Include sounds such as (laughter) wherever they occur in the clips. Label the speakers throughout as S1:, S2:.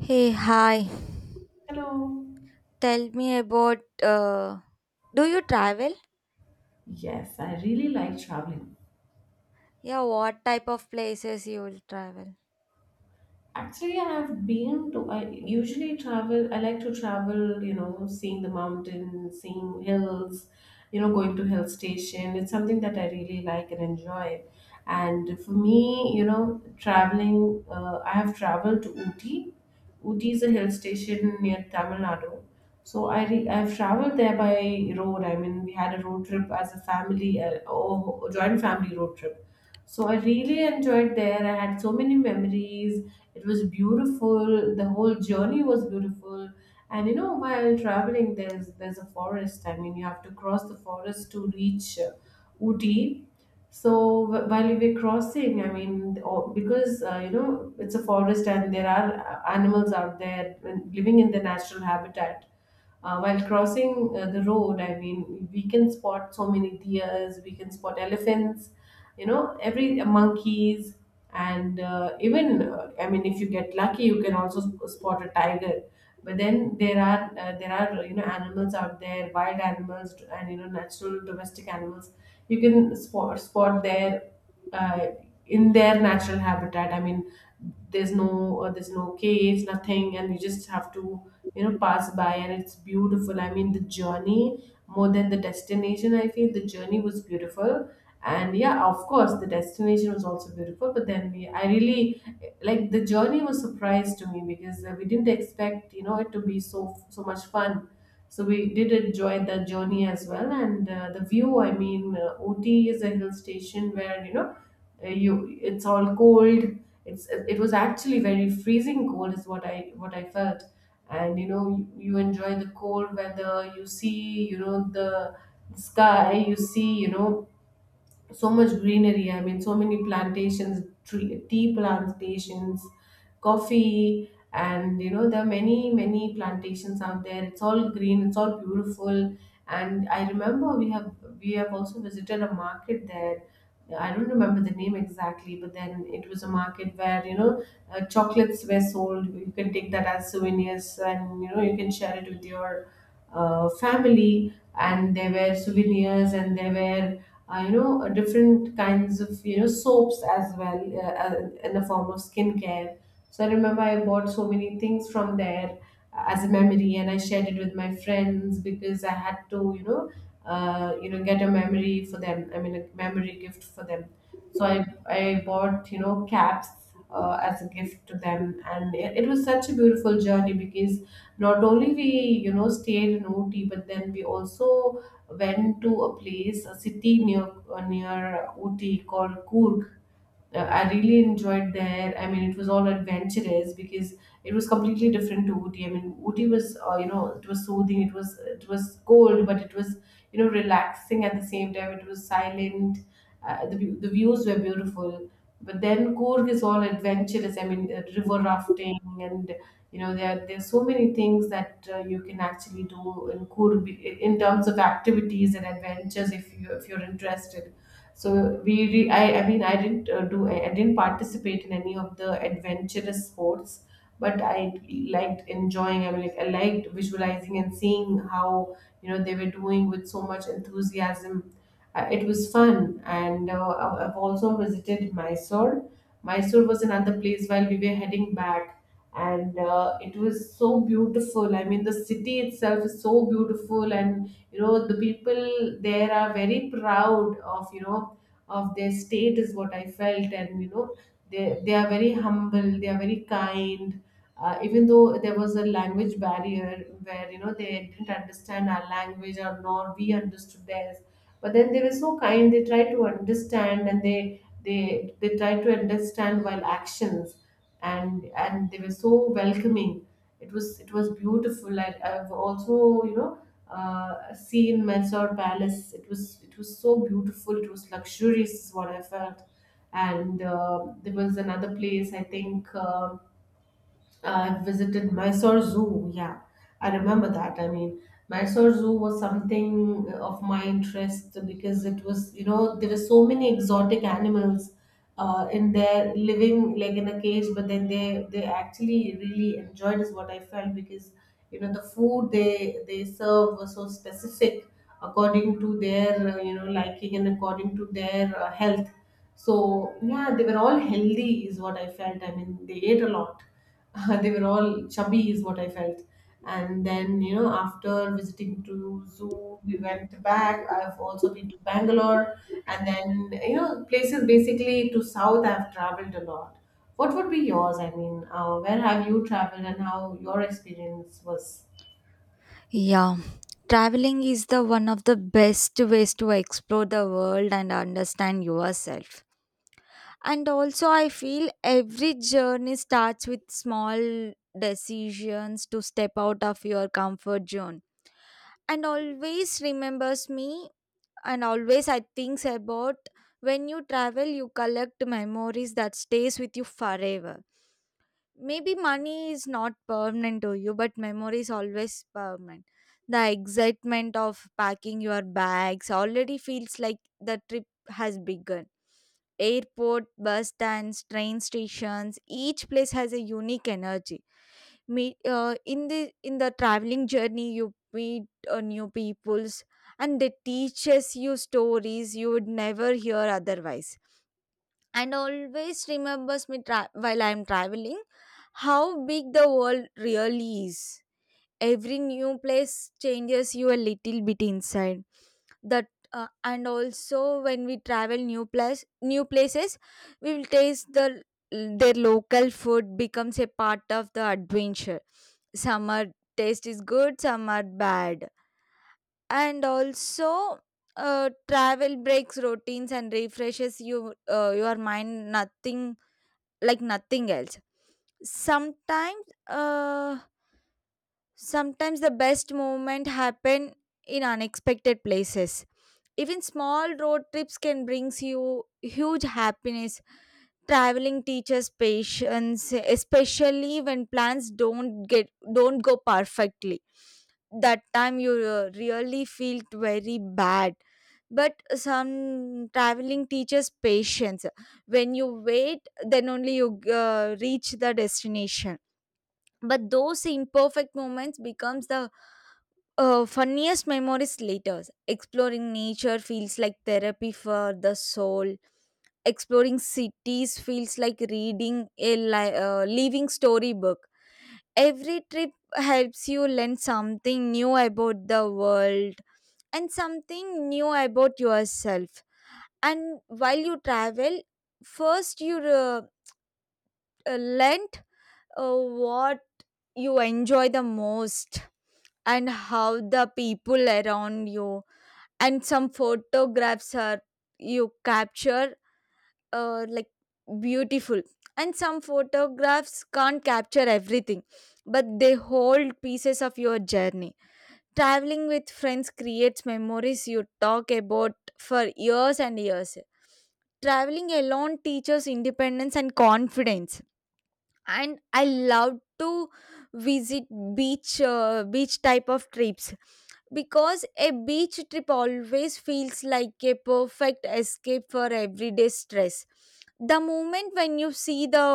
S1: Hey, hi.
S2: Hello.
S1: Tell me about do you travel?
S2: Yes, I really like traveling.
S1: Yeah, what type of places you will travel?
S2: Actually, I usually travel, I like to travel, seeing the mountains, seeing hills, going to hill station. It's something that I really like and enjoy. And for me, traveling, I have traveled to Ooty. Ooty is a hill station near Tamil Nadu. So I've traveled there by road. I mean, we had a road trip as a family, a joint family road trip. So I really enjoyed there. I had so many memories. It was beautiful. The whole journey was beautiful. And while traveling, there's a forest. I mean, you have to cross the forest to reach Ooty. So while we were crossing, I mean, because it's a forest and there are animals out there and living in their natural habitat. While crossing the road, I mean, we can spot so many deers, we can spot elephants, every monkeys, and even I mean, if you get lucky you can also spot a tiger. But then there are animals out there, wild animals, and natural domestic animals. You can spot their uh, in their natural habitat. I mean, there's no caves, nothing, and you just have to pass by, and it's beautiful. I mean, the journey more than the destination, I feel the journey was beautiful. And yeah, of course the destination was also beautiful, but then we I really like, the journey was surprise to me because we didn't expect it to be so much fun. So we did enjoy the journey as well, and the view, I mean, ot is a hill station where you it's all cold. It was actually very freezing cold is what I felt. And you enjoy the cold weather, you see the sky, you see, so much greenery. I mean, so many plantations, tree, tea plantations, coffee. And there are many plantations out there. It's all green, it's all beautiful. And I remember, we have also visited a market there. I don't remember the name exactly, but then it was a market where chocolates were sold. You can take that as souvenirs, and you can share it with your family. And there were souvenirs, and there were different kinds of soaps as well, in the form of skincare. So I remember I bought so many things from there as a memory, and I shared it with my friends because I had to get a memory for them. I mean, a memory gift for them. So I bought caps as a gift to them. And it was such a beautiful journey because not only we stayed in ot, but then we also went to a place, a city near near Ooty called Coorg. Uh, I really enjoyed there. I mean, it was all adventurous because it was completely different to Ooty. I mean, Ooty was, it was soothing. It was cold, but it was relaxing at the same time. It was silent. The views were beautiful. But then Coorg is all adventurous. I mean, river rafting. And there's so many things that you can actually do in Coorg, in terms of activities and adventures if you if you're interested. So we I mean, I didn't I didn't participate in any of the adventurous sports, but I liked enjoying. I mean, like, I liked visualizing and seeing how they were doing with so much enthusiasm. It was fun, and I've also visited Mysore. Mysore was another place while we were heading back, and it was so beautiful. I mean, the city itself is so beautiful, and the people there are very proud of, of their state is what I felt. And they are very humble, they are very kind. Uh, even though there was a language barrier where they didn't understand our language, or nor we understood theirs, but then they were so kind. They tried to understand, and they tried to understand while actions. And they were so welcoming. It was beautiful. I've also seen Mysore Palace. It was so beautiful. It was luxurious, is what I felt. And there was another place, I think. So, I visited Mysore Zoo. Yeah, I remember that. I mean, Mysore Zoo was something of my interest because it was, there were so many exotic animals in there, living like in a cage, but then they actually really enjoyed, is what I felt, because the food they served was so specific according to their liking, and according to their health. So yeah, they were all healthy is what I felt. I mean, they ate a lot. (laughs) They were all chubby is what I felt. And then, after visiting to zoo, we went back. I've also been to Bangalore, and then, places basically to south, I've traveled a lot. What would be yours? I mean, where have you traveled, and how your experience was?
S1: Yeah. Traveling is the one of the best ways to explore the world and understand yourself. And also I feel every journey starts with small decisions to step out of your comfort zone. And always remembers me and always I think about when you travel you collect memories that stays with you forever. Maybe money is not permanent to you, but memory is always permanent. The excitement of packing your bags already feels like the trip has begun. Airport, bus stands, train stations, each place has a unique energy. Meet in the traveling journey you meet new peoples, and they teaches you stories you would never hear otherwise. And always remembers me while I'm traveling how big the world really is. Every new place changes you a little bit inside. That And also when we travel new place new places, we will taste the their local food becomes a part of the adventure. Some are taste is good, some are bad, and also travel breaks routines and refreshes your mind. Nothing like nothing else. Sometimes uh sometimes the best moment happen in unexpected places. Even small road trips can brings you huge happiness. Traveling teaches patience, especially when plans don't go perfectly. That time you really felt very bad, but some traveling teaches patience. When you wait, then only you reach the destination, but those imperfect moments becomes the funniest memories later. Exploring nature feels like therapy for the soul. Exploring cities feels like reading a living storybook. Every trip helps you learn something new about the world and something new about yourself. And while you travel, first you learn what you enjoy the most and how the people around you. And some photographs are you capture like beautiful, and some photographs can't capture everything, but they hold pieces of your journey. Traveling with friends creates memories you talk about for years and years. Traveling alone teaches independence and confidence. And I love to visit beach type of trips because a beach trip always feels like a perfect escape for everyday stress. The moment when you see the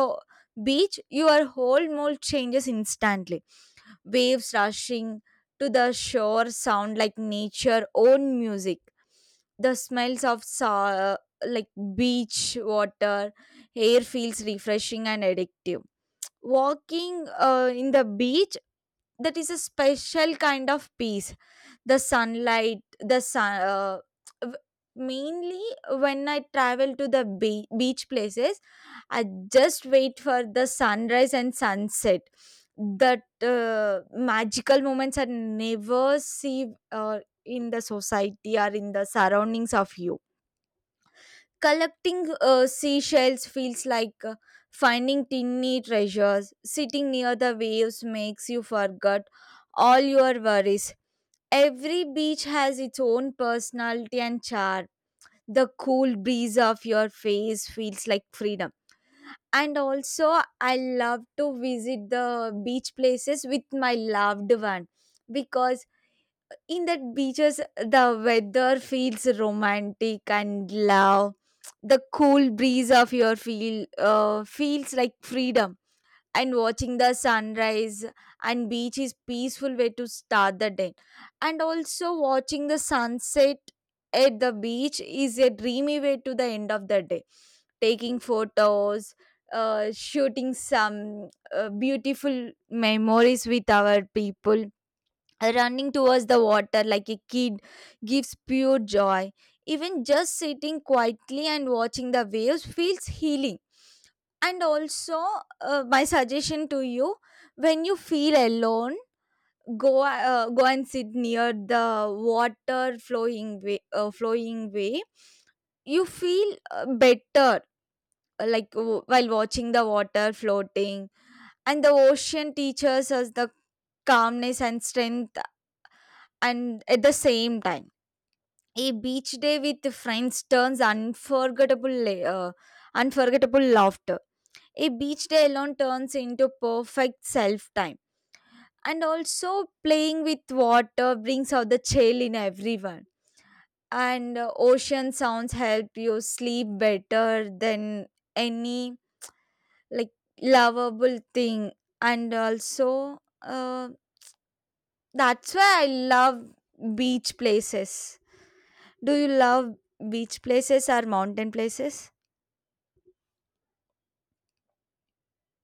S1: beach, your whole mood changes instantly. Waves rushing to the shore sound like nature own music. The smells of like beach water air feels refreshing and addictive. Walking in the beach, that is a special kind of peace. The sunlight the w- mainly when I travel to the beach places, I just wait for the sunrise and sunset. That magical moments are never see in the society or in the surroundings of you. Collecting seashells feels like finding tiny treasures. Sitting near the waves makes you forget all your worries. Every beach has its own personality and charm. The cool breeze of your face feels like freedom. And also, I love to visit the beach places with my loved one because in that beaches the weather feels romantic and love. The cool breeze of your feels like freedom, and watching the sunrise and beach is peaceful way to start the day. And also watching the sunset at the beach is a dreamy way to the end of the day. Taking photos, shooting some beautiful memories with our people, running towards the water like a kid gives pure joy. Even just sitting quietly and watching the waves feels healing. And also, my suggestion to you: when you feel alone, go and sit near the water flowing way, flowing way. You feel better, like while watching the water floating. And the ocean teaches us the calmness and strength, and at the same time a beach day with friends turns unforgettable laughter. A beach day alone turns into perfect self time. And also playing with water brings out the chill in everyone. And ocean sounds help you sleep better than any like lovable thing. And also that's why I love beach places. Do you love beach places or mountain places?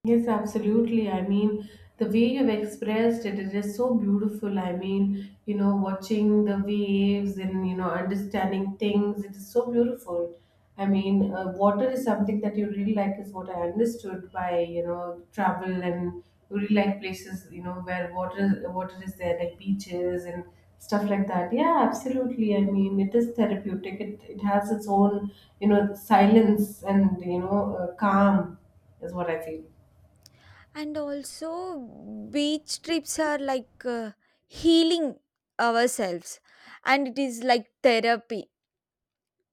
S2: Yes, absolutely. I mean, the way you've expressed it, it is just so beautiful. I mean, watching the waves and, understanding things, it is so beautiful. I mean, water is something that you really like, is what I understood by, travel. And you really like places, where water is there, like beaches and stuff like that. Yeah, absolutely. I mean, it is therapeutic. It has its own, silence and, calm is what I feel.
S1: And also beach trips are like healing ourselves, and it is like therapy.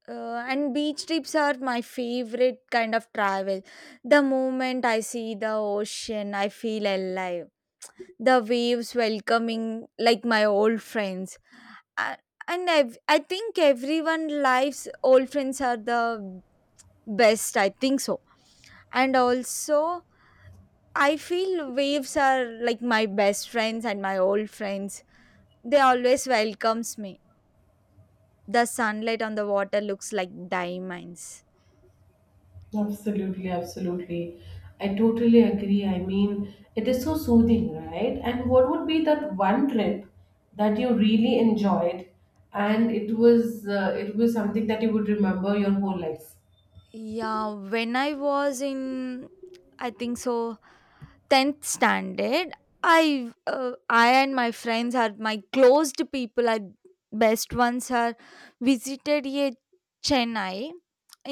S1: And beach trips are my favorite kind of travel. The moment I see the ocean, I feel alive. The waves welcoming like my old friends. A- and i think everyone lives old friends are the best, I think so. And also I feel waves are like my best friends and my old friends. They always welcomes me. The sunlight on the water looks like diamonds.
S2: Absolutely, absolutely. I totally agree. I mean, it is so soothing, right? And what would be that one trip that you really enjoyed, and it was, something that you would remember your whole life?
S1: Yeah, when I was in, I think so, 10th standard, I uh, I and my friends are my closed people are best ones are visited a chennai.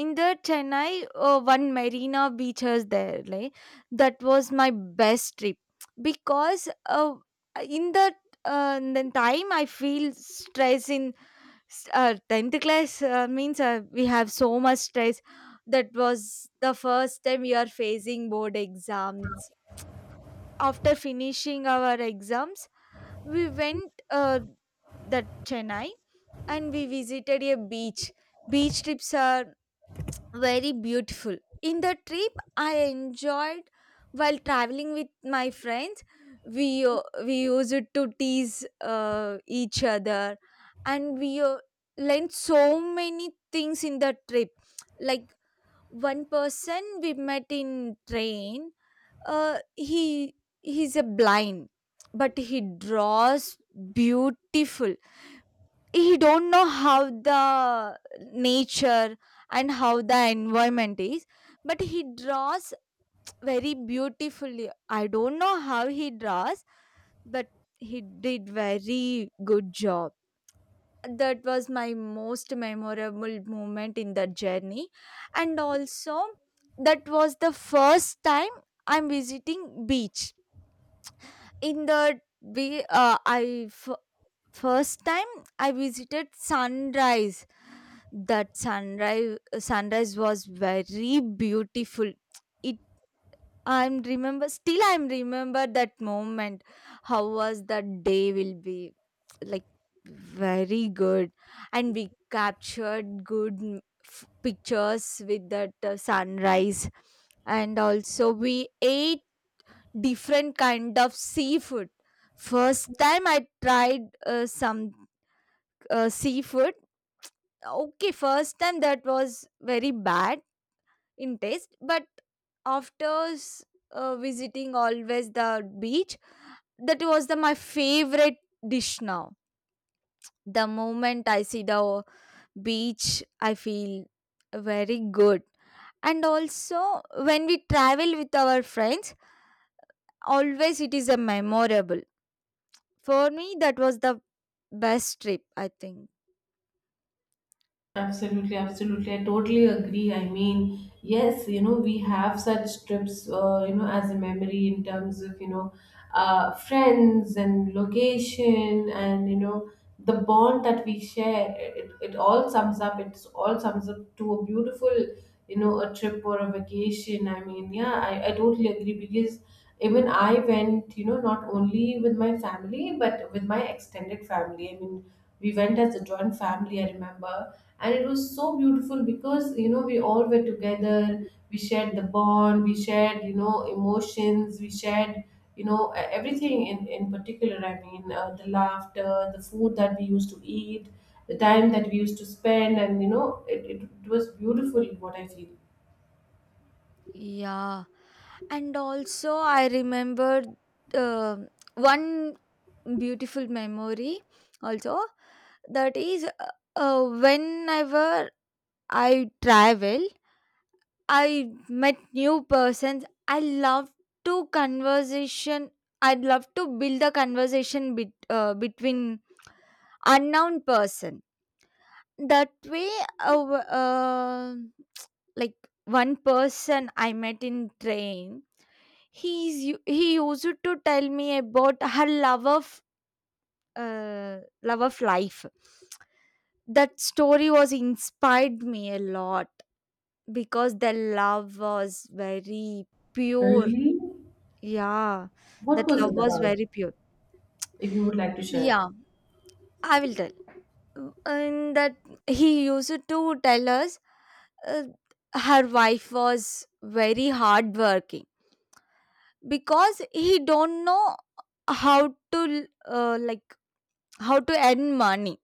S1: In the chennai, one marina beach is there like that was my best trip because uh, in the in the time I feel stress in 10th class, means we have so much stress. That was the first time we are facing board exams. After finishing our exams, we went that chennai, and we visited a beach. Beach trips are very beautiful. In the trip I enjoyed while traveling with my friends. We uh, we used to tease each other, and we learned so many things in the trip, like one person we met in train. uh, he he's a blind, but he draws beautiful. He don't know how the nature and how the environment is, but he draws very beautifully. I don't know how he draws, but he did very good job. That was my most memorable moment in the journey. And also that was the first time I'm visiting beach. In the way, first time I visited sunrise. That sunrise was very beautiful. It, I'm remember, still I'm remember that moment. How was that day will be, like, very good. And we captured good pictures with that sunrise. And also we ate different kind of seafood. First time I tried some seafood. Okay, first time that was very bad in taste, but after s- visiting always the beach, that was the my favorite dish now. The moment I see the beach, I feel very good. And also when we travel with our friends, always it is a memorable. For me, that was the best trip, I think.
S2: Absolutely, absolutely. I totally agree. I mean, yes, we have such trips, as a memory in terms of, friends and location and, the bond that we share. It's all sums up to a beautiful, a trip or a vacation. I mean, yeah, I totally agree because even I went, not only with my family, but with my extended family. I mean, we went as a joint family, I remember. And it was so beautiful because we all were together. We shared the bond, we shared, emotions, we shared, everything, in particular. I mean, the laughter, the food that we used to eat, the time that we used to spend, and it was beautiful, what I feel.
S1: Yeah. And also, I remember uh, one beautiful memory also. That is whenever I travel, I met new persons. I love to conversation. I'd love to build a between unknown person. That way uh, w- uh, (tsk) like one person I met in train. He used to tell me about her love of life. That story was inspired me a lot because the love was very pure.
S2: Really?
S1: Yeah,
S2: What
S1: that
S2: was
S1: love
S2: it
S1: was
S2: about?
S1: very pure.
S2: If you would like to share.
S1: Yeah, I will tell. And that he used to tell us, uh, her wife was very hardworking because he don't know how to, like, how to earn money.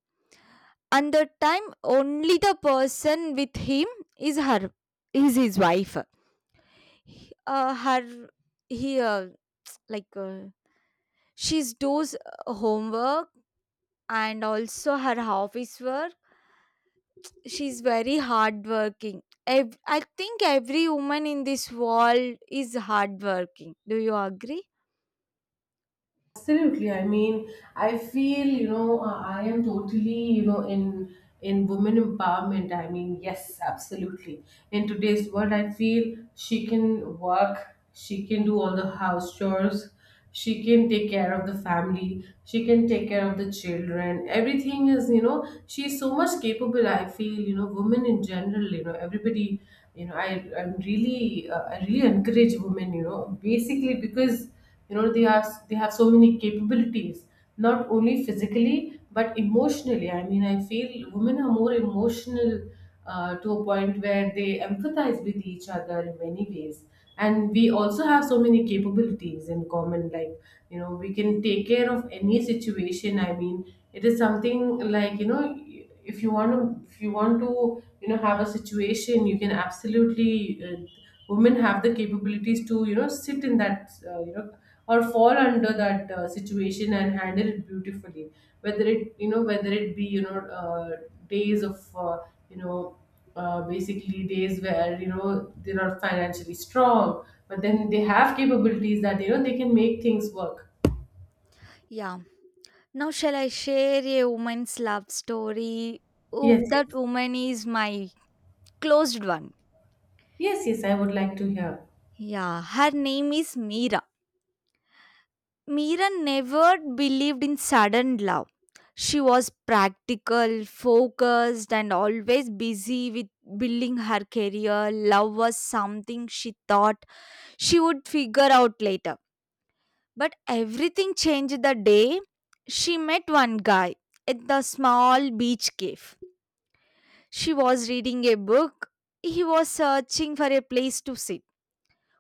S1: And the time only the person with him is her, is his wife. He- her he like, she's does homework and also her office work. She's very hardworking. I think every woman in this world is hardworking. Do you agree?
S2: Absolutely. I mean, I feel, I am totally, in women empowerment. I mean, yes, absolutely. In today's world, I feel she can work, she can do all the house chores, she can take care of the family, she can take care of the children. Everything is, she's so much capable. I feel, women in general, everybody, I really encourage women, basically because they have so many capabilities, not only physically but emotionally. I mean, I feel women are more emotional, to a point where they empathize with each other in many ways. And we also have so many capabilities in common, like we can take care of any situation. I mean, it is something like, if you want to, if you want to have a situation, you can absolutely, uh, women have the capabilities to sit in that, or fall under that situation, and handle it beautifully, whether it, whether it be, days of, uh, you know basically days where they're not financially strong, but then they have capabilities that they can make things work.
S1: Yeah. Now, shall I share a woman's love story? Oh,
S2: Yes,
S1: that
S2: yes.
S1: woman is my closed one.
S2: Yes, yes, I would like to hear.
S1: Yeah, her name is Meera. Meera never believed in sudden love. She was practical, focused, and always busy with building her career. Love was something she thought she would figure out later. But everything changed the day she met one guy at the small beach cave. She was reading a book. He was searching for a place to sit.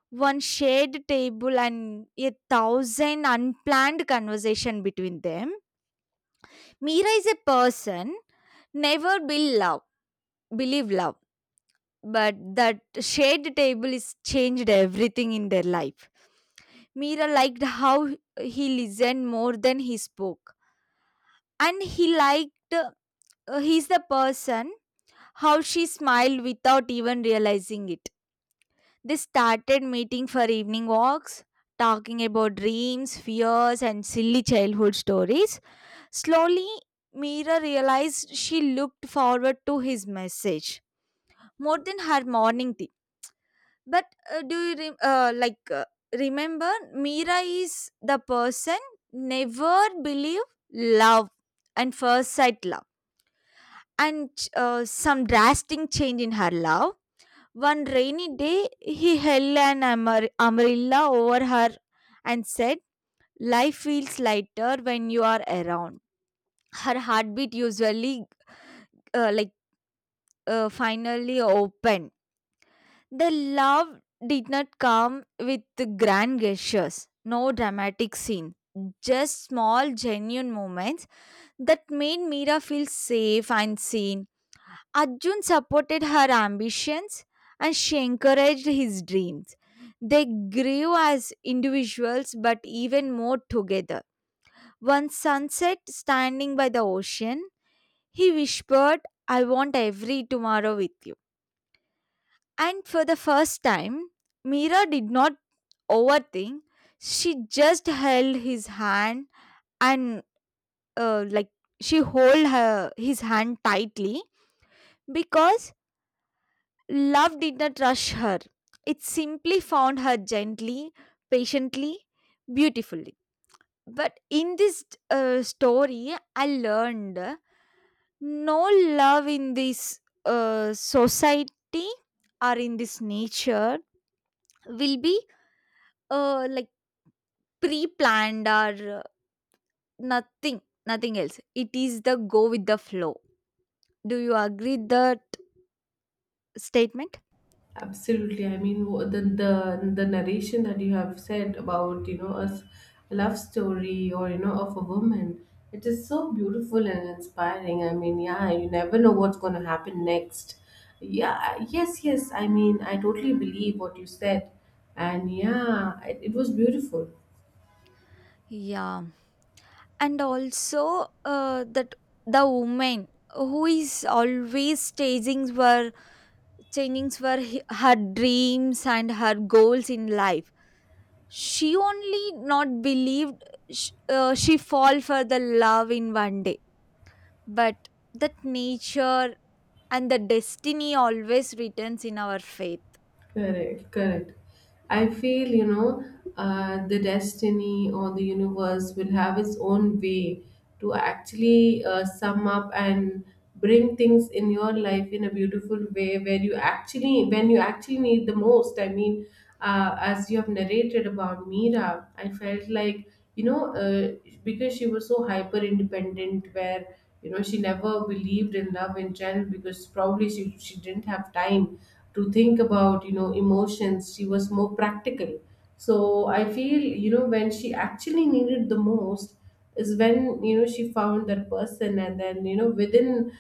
S1: One shared table and a thousand unplanned conversation between them. Mira is a person never be love, believe love, but that shared table is changed everything in their life. Mira liked how he listened more than he spoke, and he liked, he's the person, how she smiled without even realizing it. They started meeting for evening walks, talking about dreams, fears, and silly childhood stories. Slowly, Mira realized she looked forward to his message more than her morning tea. But like, remember, Mira is the person never believe love and first sight love. And some drastic change in her love. One rainy day, he held an umbrella over her and said, life feels lighter when you are around. Her heartbeat usually, like, finally opened. The love did not come with grand gestures, no dramatic scene, just small, genuine moments that made Mira feel safe and seen. Arjun supported her ambitions, and she encouraged his dreams. They grew as individuals, but even more together. One sunset, standing by the ocean, he whispered, I want every tomorrow with you. And for the first time, Mira did not overthink. She just held his hand, and, like, she hold her his hand tightly because love did not rush her. It simply found her gently, patiently, beautifully. But in this story, I learned no love in this society or in this nature will be, like, pre planned, or nothing, nothing else. It is the go with the flow. Do you agree that statement?
S2: Absolutely. I mean, the narration that you have said about a love story or of a woman, it is so beautiful and inspiring. I mean, yeah, you never know what's going to happen next. Yeah, yes, yes. I mean, I totally believe what you said, and yeah, it was beautiful.
S1: Yeah, and also that the woman who is always chasing were changing for her dreams and her goals in life, she only not believed, she fall for the love in one day, but that nature and the destiny always returns in our faith.
S2: Correct, correct. I feel, you know, the destiny or the universe will have its own way to actually sum up and bring things in your life in a beautiful way where you actually, when you actually need the most. I mean, as you have narrated about Mira, I felt like, you know, uh, because she was so hyper independent, where, you know, she never believed in love in general because probably she didn't have time to think about emotions. She was more practical. So I feel, you know, when she actually needed the most is when, you know, she found that person, and then, you know, within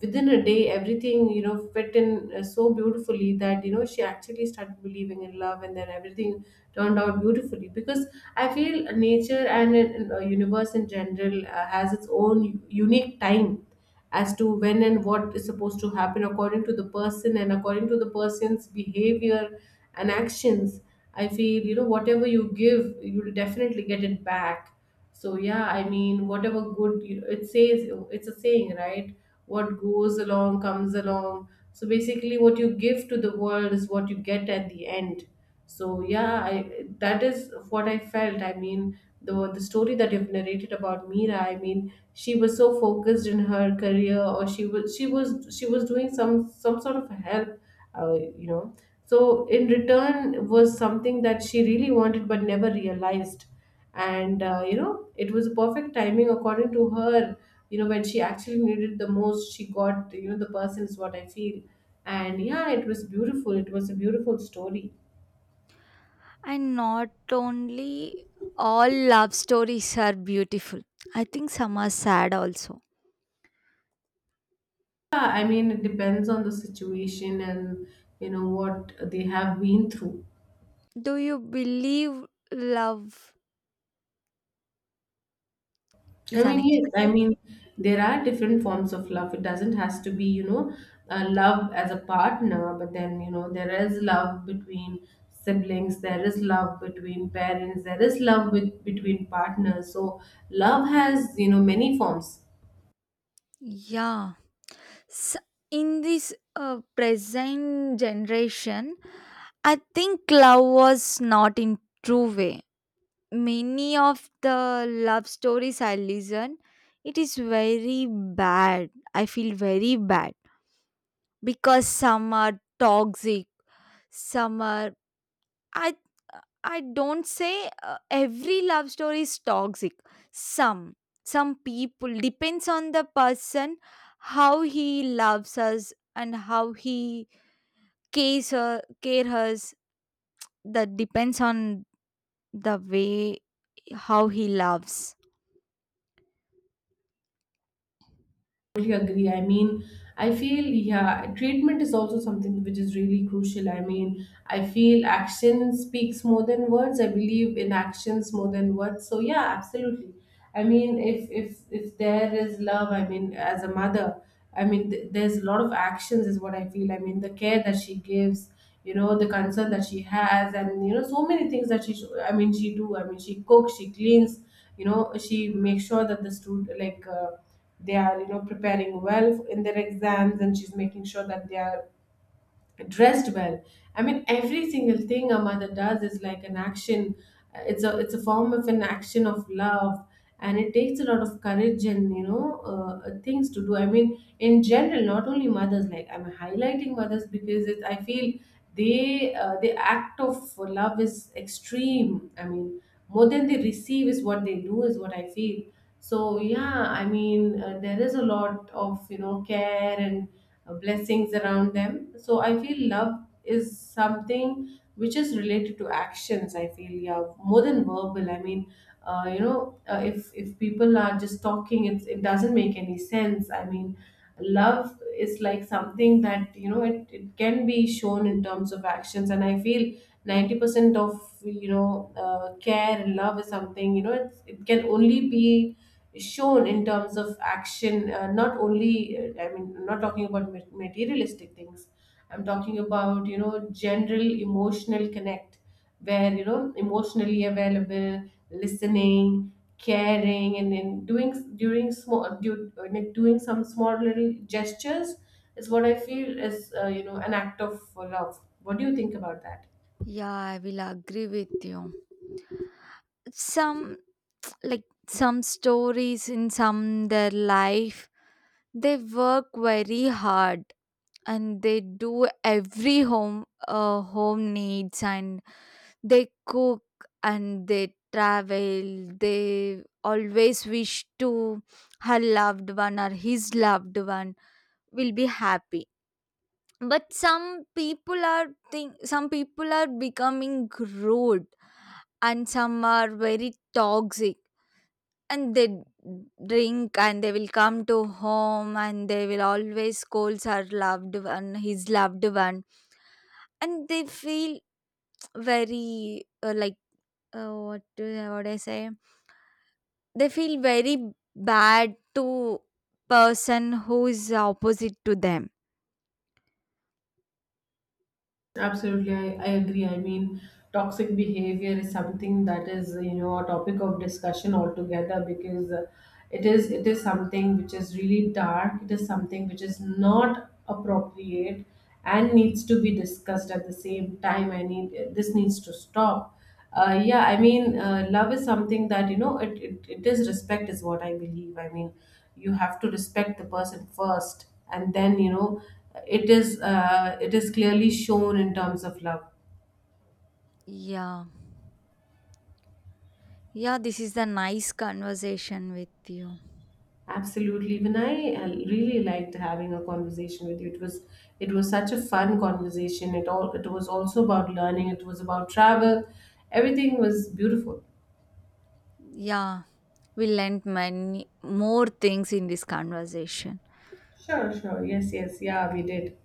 S2: within a day, everything, you know, fit in so beautifully that, you know, she actually started believing in love, and then everything turned out beautifully. Because I feel nature and universe in general has its own unique time as to when and what is supposed to happen according to the person and according to the person's behavior and actions. I feel, you know, whatever you give, you'll definitely get it back. So yeah, I mean, whatever good you it says. It's a saying, right? What goes along comes along. So basically, what you give to the world is what you get at the end. So yeah, I, that is what I felt. I mean, the story that you've narrated about Mira, I mean, she was so focused in her career. Or she was doing some sort of help, you know. So in return was something that she really wanted but never realized. And you know, it was perfect timing according to her. You know, when she actually needed the most, she got, you know, the person, is what I feel. And yeah, it was beautiful. It was a beautiful story.
S1: And not only all love stories are beautiful, I think some are sad also.
S2: Yeah, I mean, it depends on the situation and you know what they have been through.
S1: Do you believe love
S2: I
S1: is
S2: mean, yes, I
S1: unexpected?
S2: mean, there are different forms of love. It doesn't has to be, you know, love as a partner, but then, you know, there is love between siblings, there is love between parents, there is love with between partners. So love has, you know, many forms.
S1: Yeah. So in this present generation, I think love was not in true way. Many of the love stories I listen, it is very bad. I feel very bad because some are toxic, some are, I I don't say every love story is toxic. Some some people depends on the person how he loves us and how he cares her, care us. That depends on the way how he loves.
S2: Totally agree. I mean, I feel, yeah, treatment is also something which is really crucial. I mean, I feel action speaks more than words. I believe in actions more than words. So yeah, absolutely. I mean, if there is love, I mean, as a mother, I mean, there's a lot of actions, is what I feel. I mean, the care that she gives, you know, the concern that she has, and you know, so many things that I mean, she do. I mean, she cooks, she cleans. You know, she makes sure that the student like. They are, you know, preparing well in their exams, and she's making sure that they are dressed well. I mean, every single thing a mother does is like an action. It's a it's a form of an action of love. And it takes a lot of courage and you know things to do. I mean, in general, not only mothers, like I'm highlighting mothers because I feel they, the act of love is extreme. I mean, more than they receive is what they do, is what I feel. So yeah, I mean, there is a lot of, you know, care and blessings around them. So I feel love is something which is related to actions. I feel, yeah, more than verbal. I mean, if people are just talking, it doesn't make any sense. I mean, love is like something that, you know, it can be shown in terms of actions, and I feel 90% of, you know, care and love is something, you know, it's, it can only be shown in terms of action. Not only I mean, I'm not talking about materialistic things. I'm talking about, you know, general emotional connect, where, you know, emotionally available, listening, caring, and then doing during small I mean, doing some small little gestures is what I feel is you know, an act of love. What do you think about that?
S1: Yeah, I will agree with you. Some, like, some stories in some their life, they work very hard and they do every home needs, and they cook, and they travel. They always wish to her loved one or his loved one will be happy, but some people are think some people are becoming rude, and some are very toxic, and they drink, and they will come to home, and they will always scold her loved one, his loved one, and they feel very, like, what do what I say, they feel very bad to person who is opposite to them.
S2: Absolutely. I agree. I mean, toxic behavior is something that is, you know, a topic of discussion altogether. Because it is something which is really dark. It is something which is not appropriate and needs to be discussed at the same time. I need this needs to stop. Yeah, I mean, love is something that, you know, it is respect, is what I believe. I mean, you have to respect the person first, and then, you know, it is clearly shown in terms of love.
S1: Yeah. Yeah, this is the nice conversation with you.
S2: Absolutely. Even I really liked having a conversation with you. It was such a fun conversation. It all it was also about learning. It was about travel. Everything was beautiful.
S1: Yeah, we learned many more things in this conversation.
S2: Sure, sure. Yes, yes. Yeah, we did.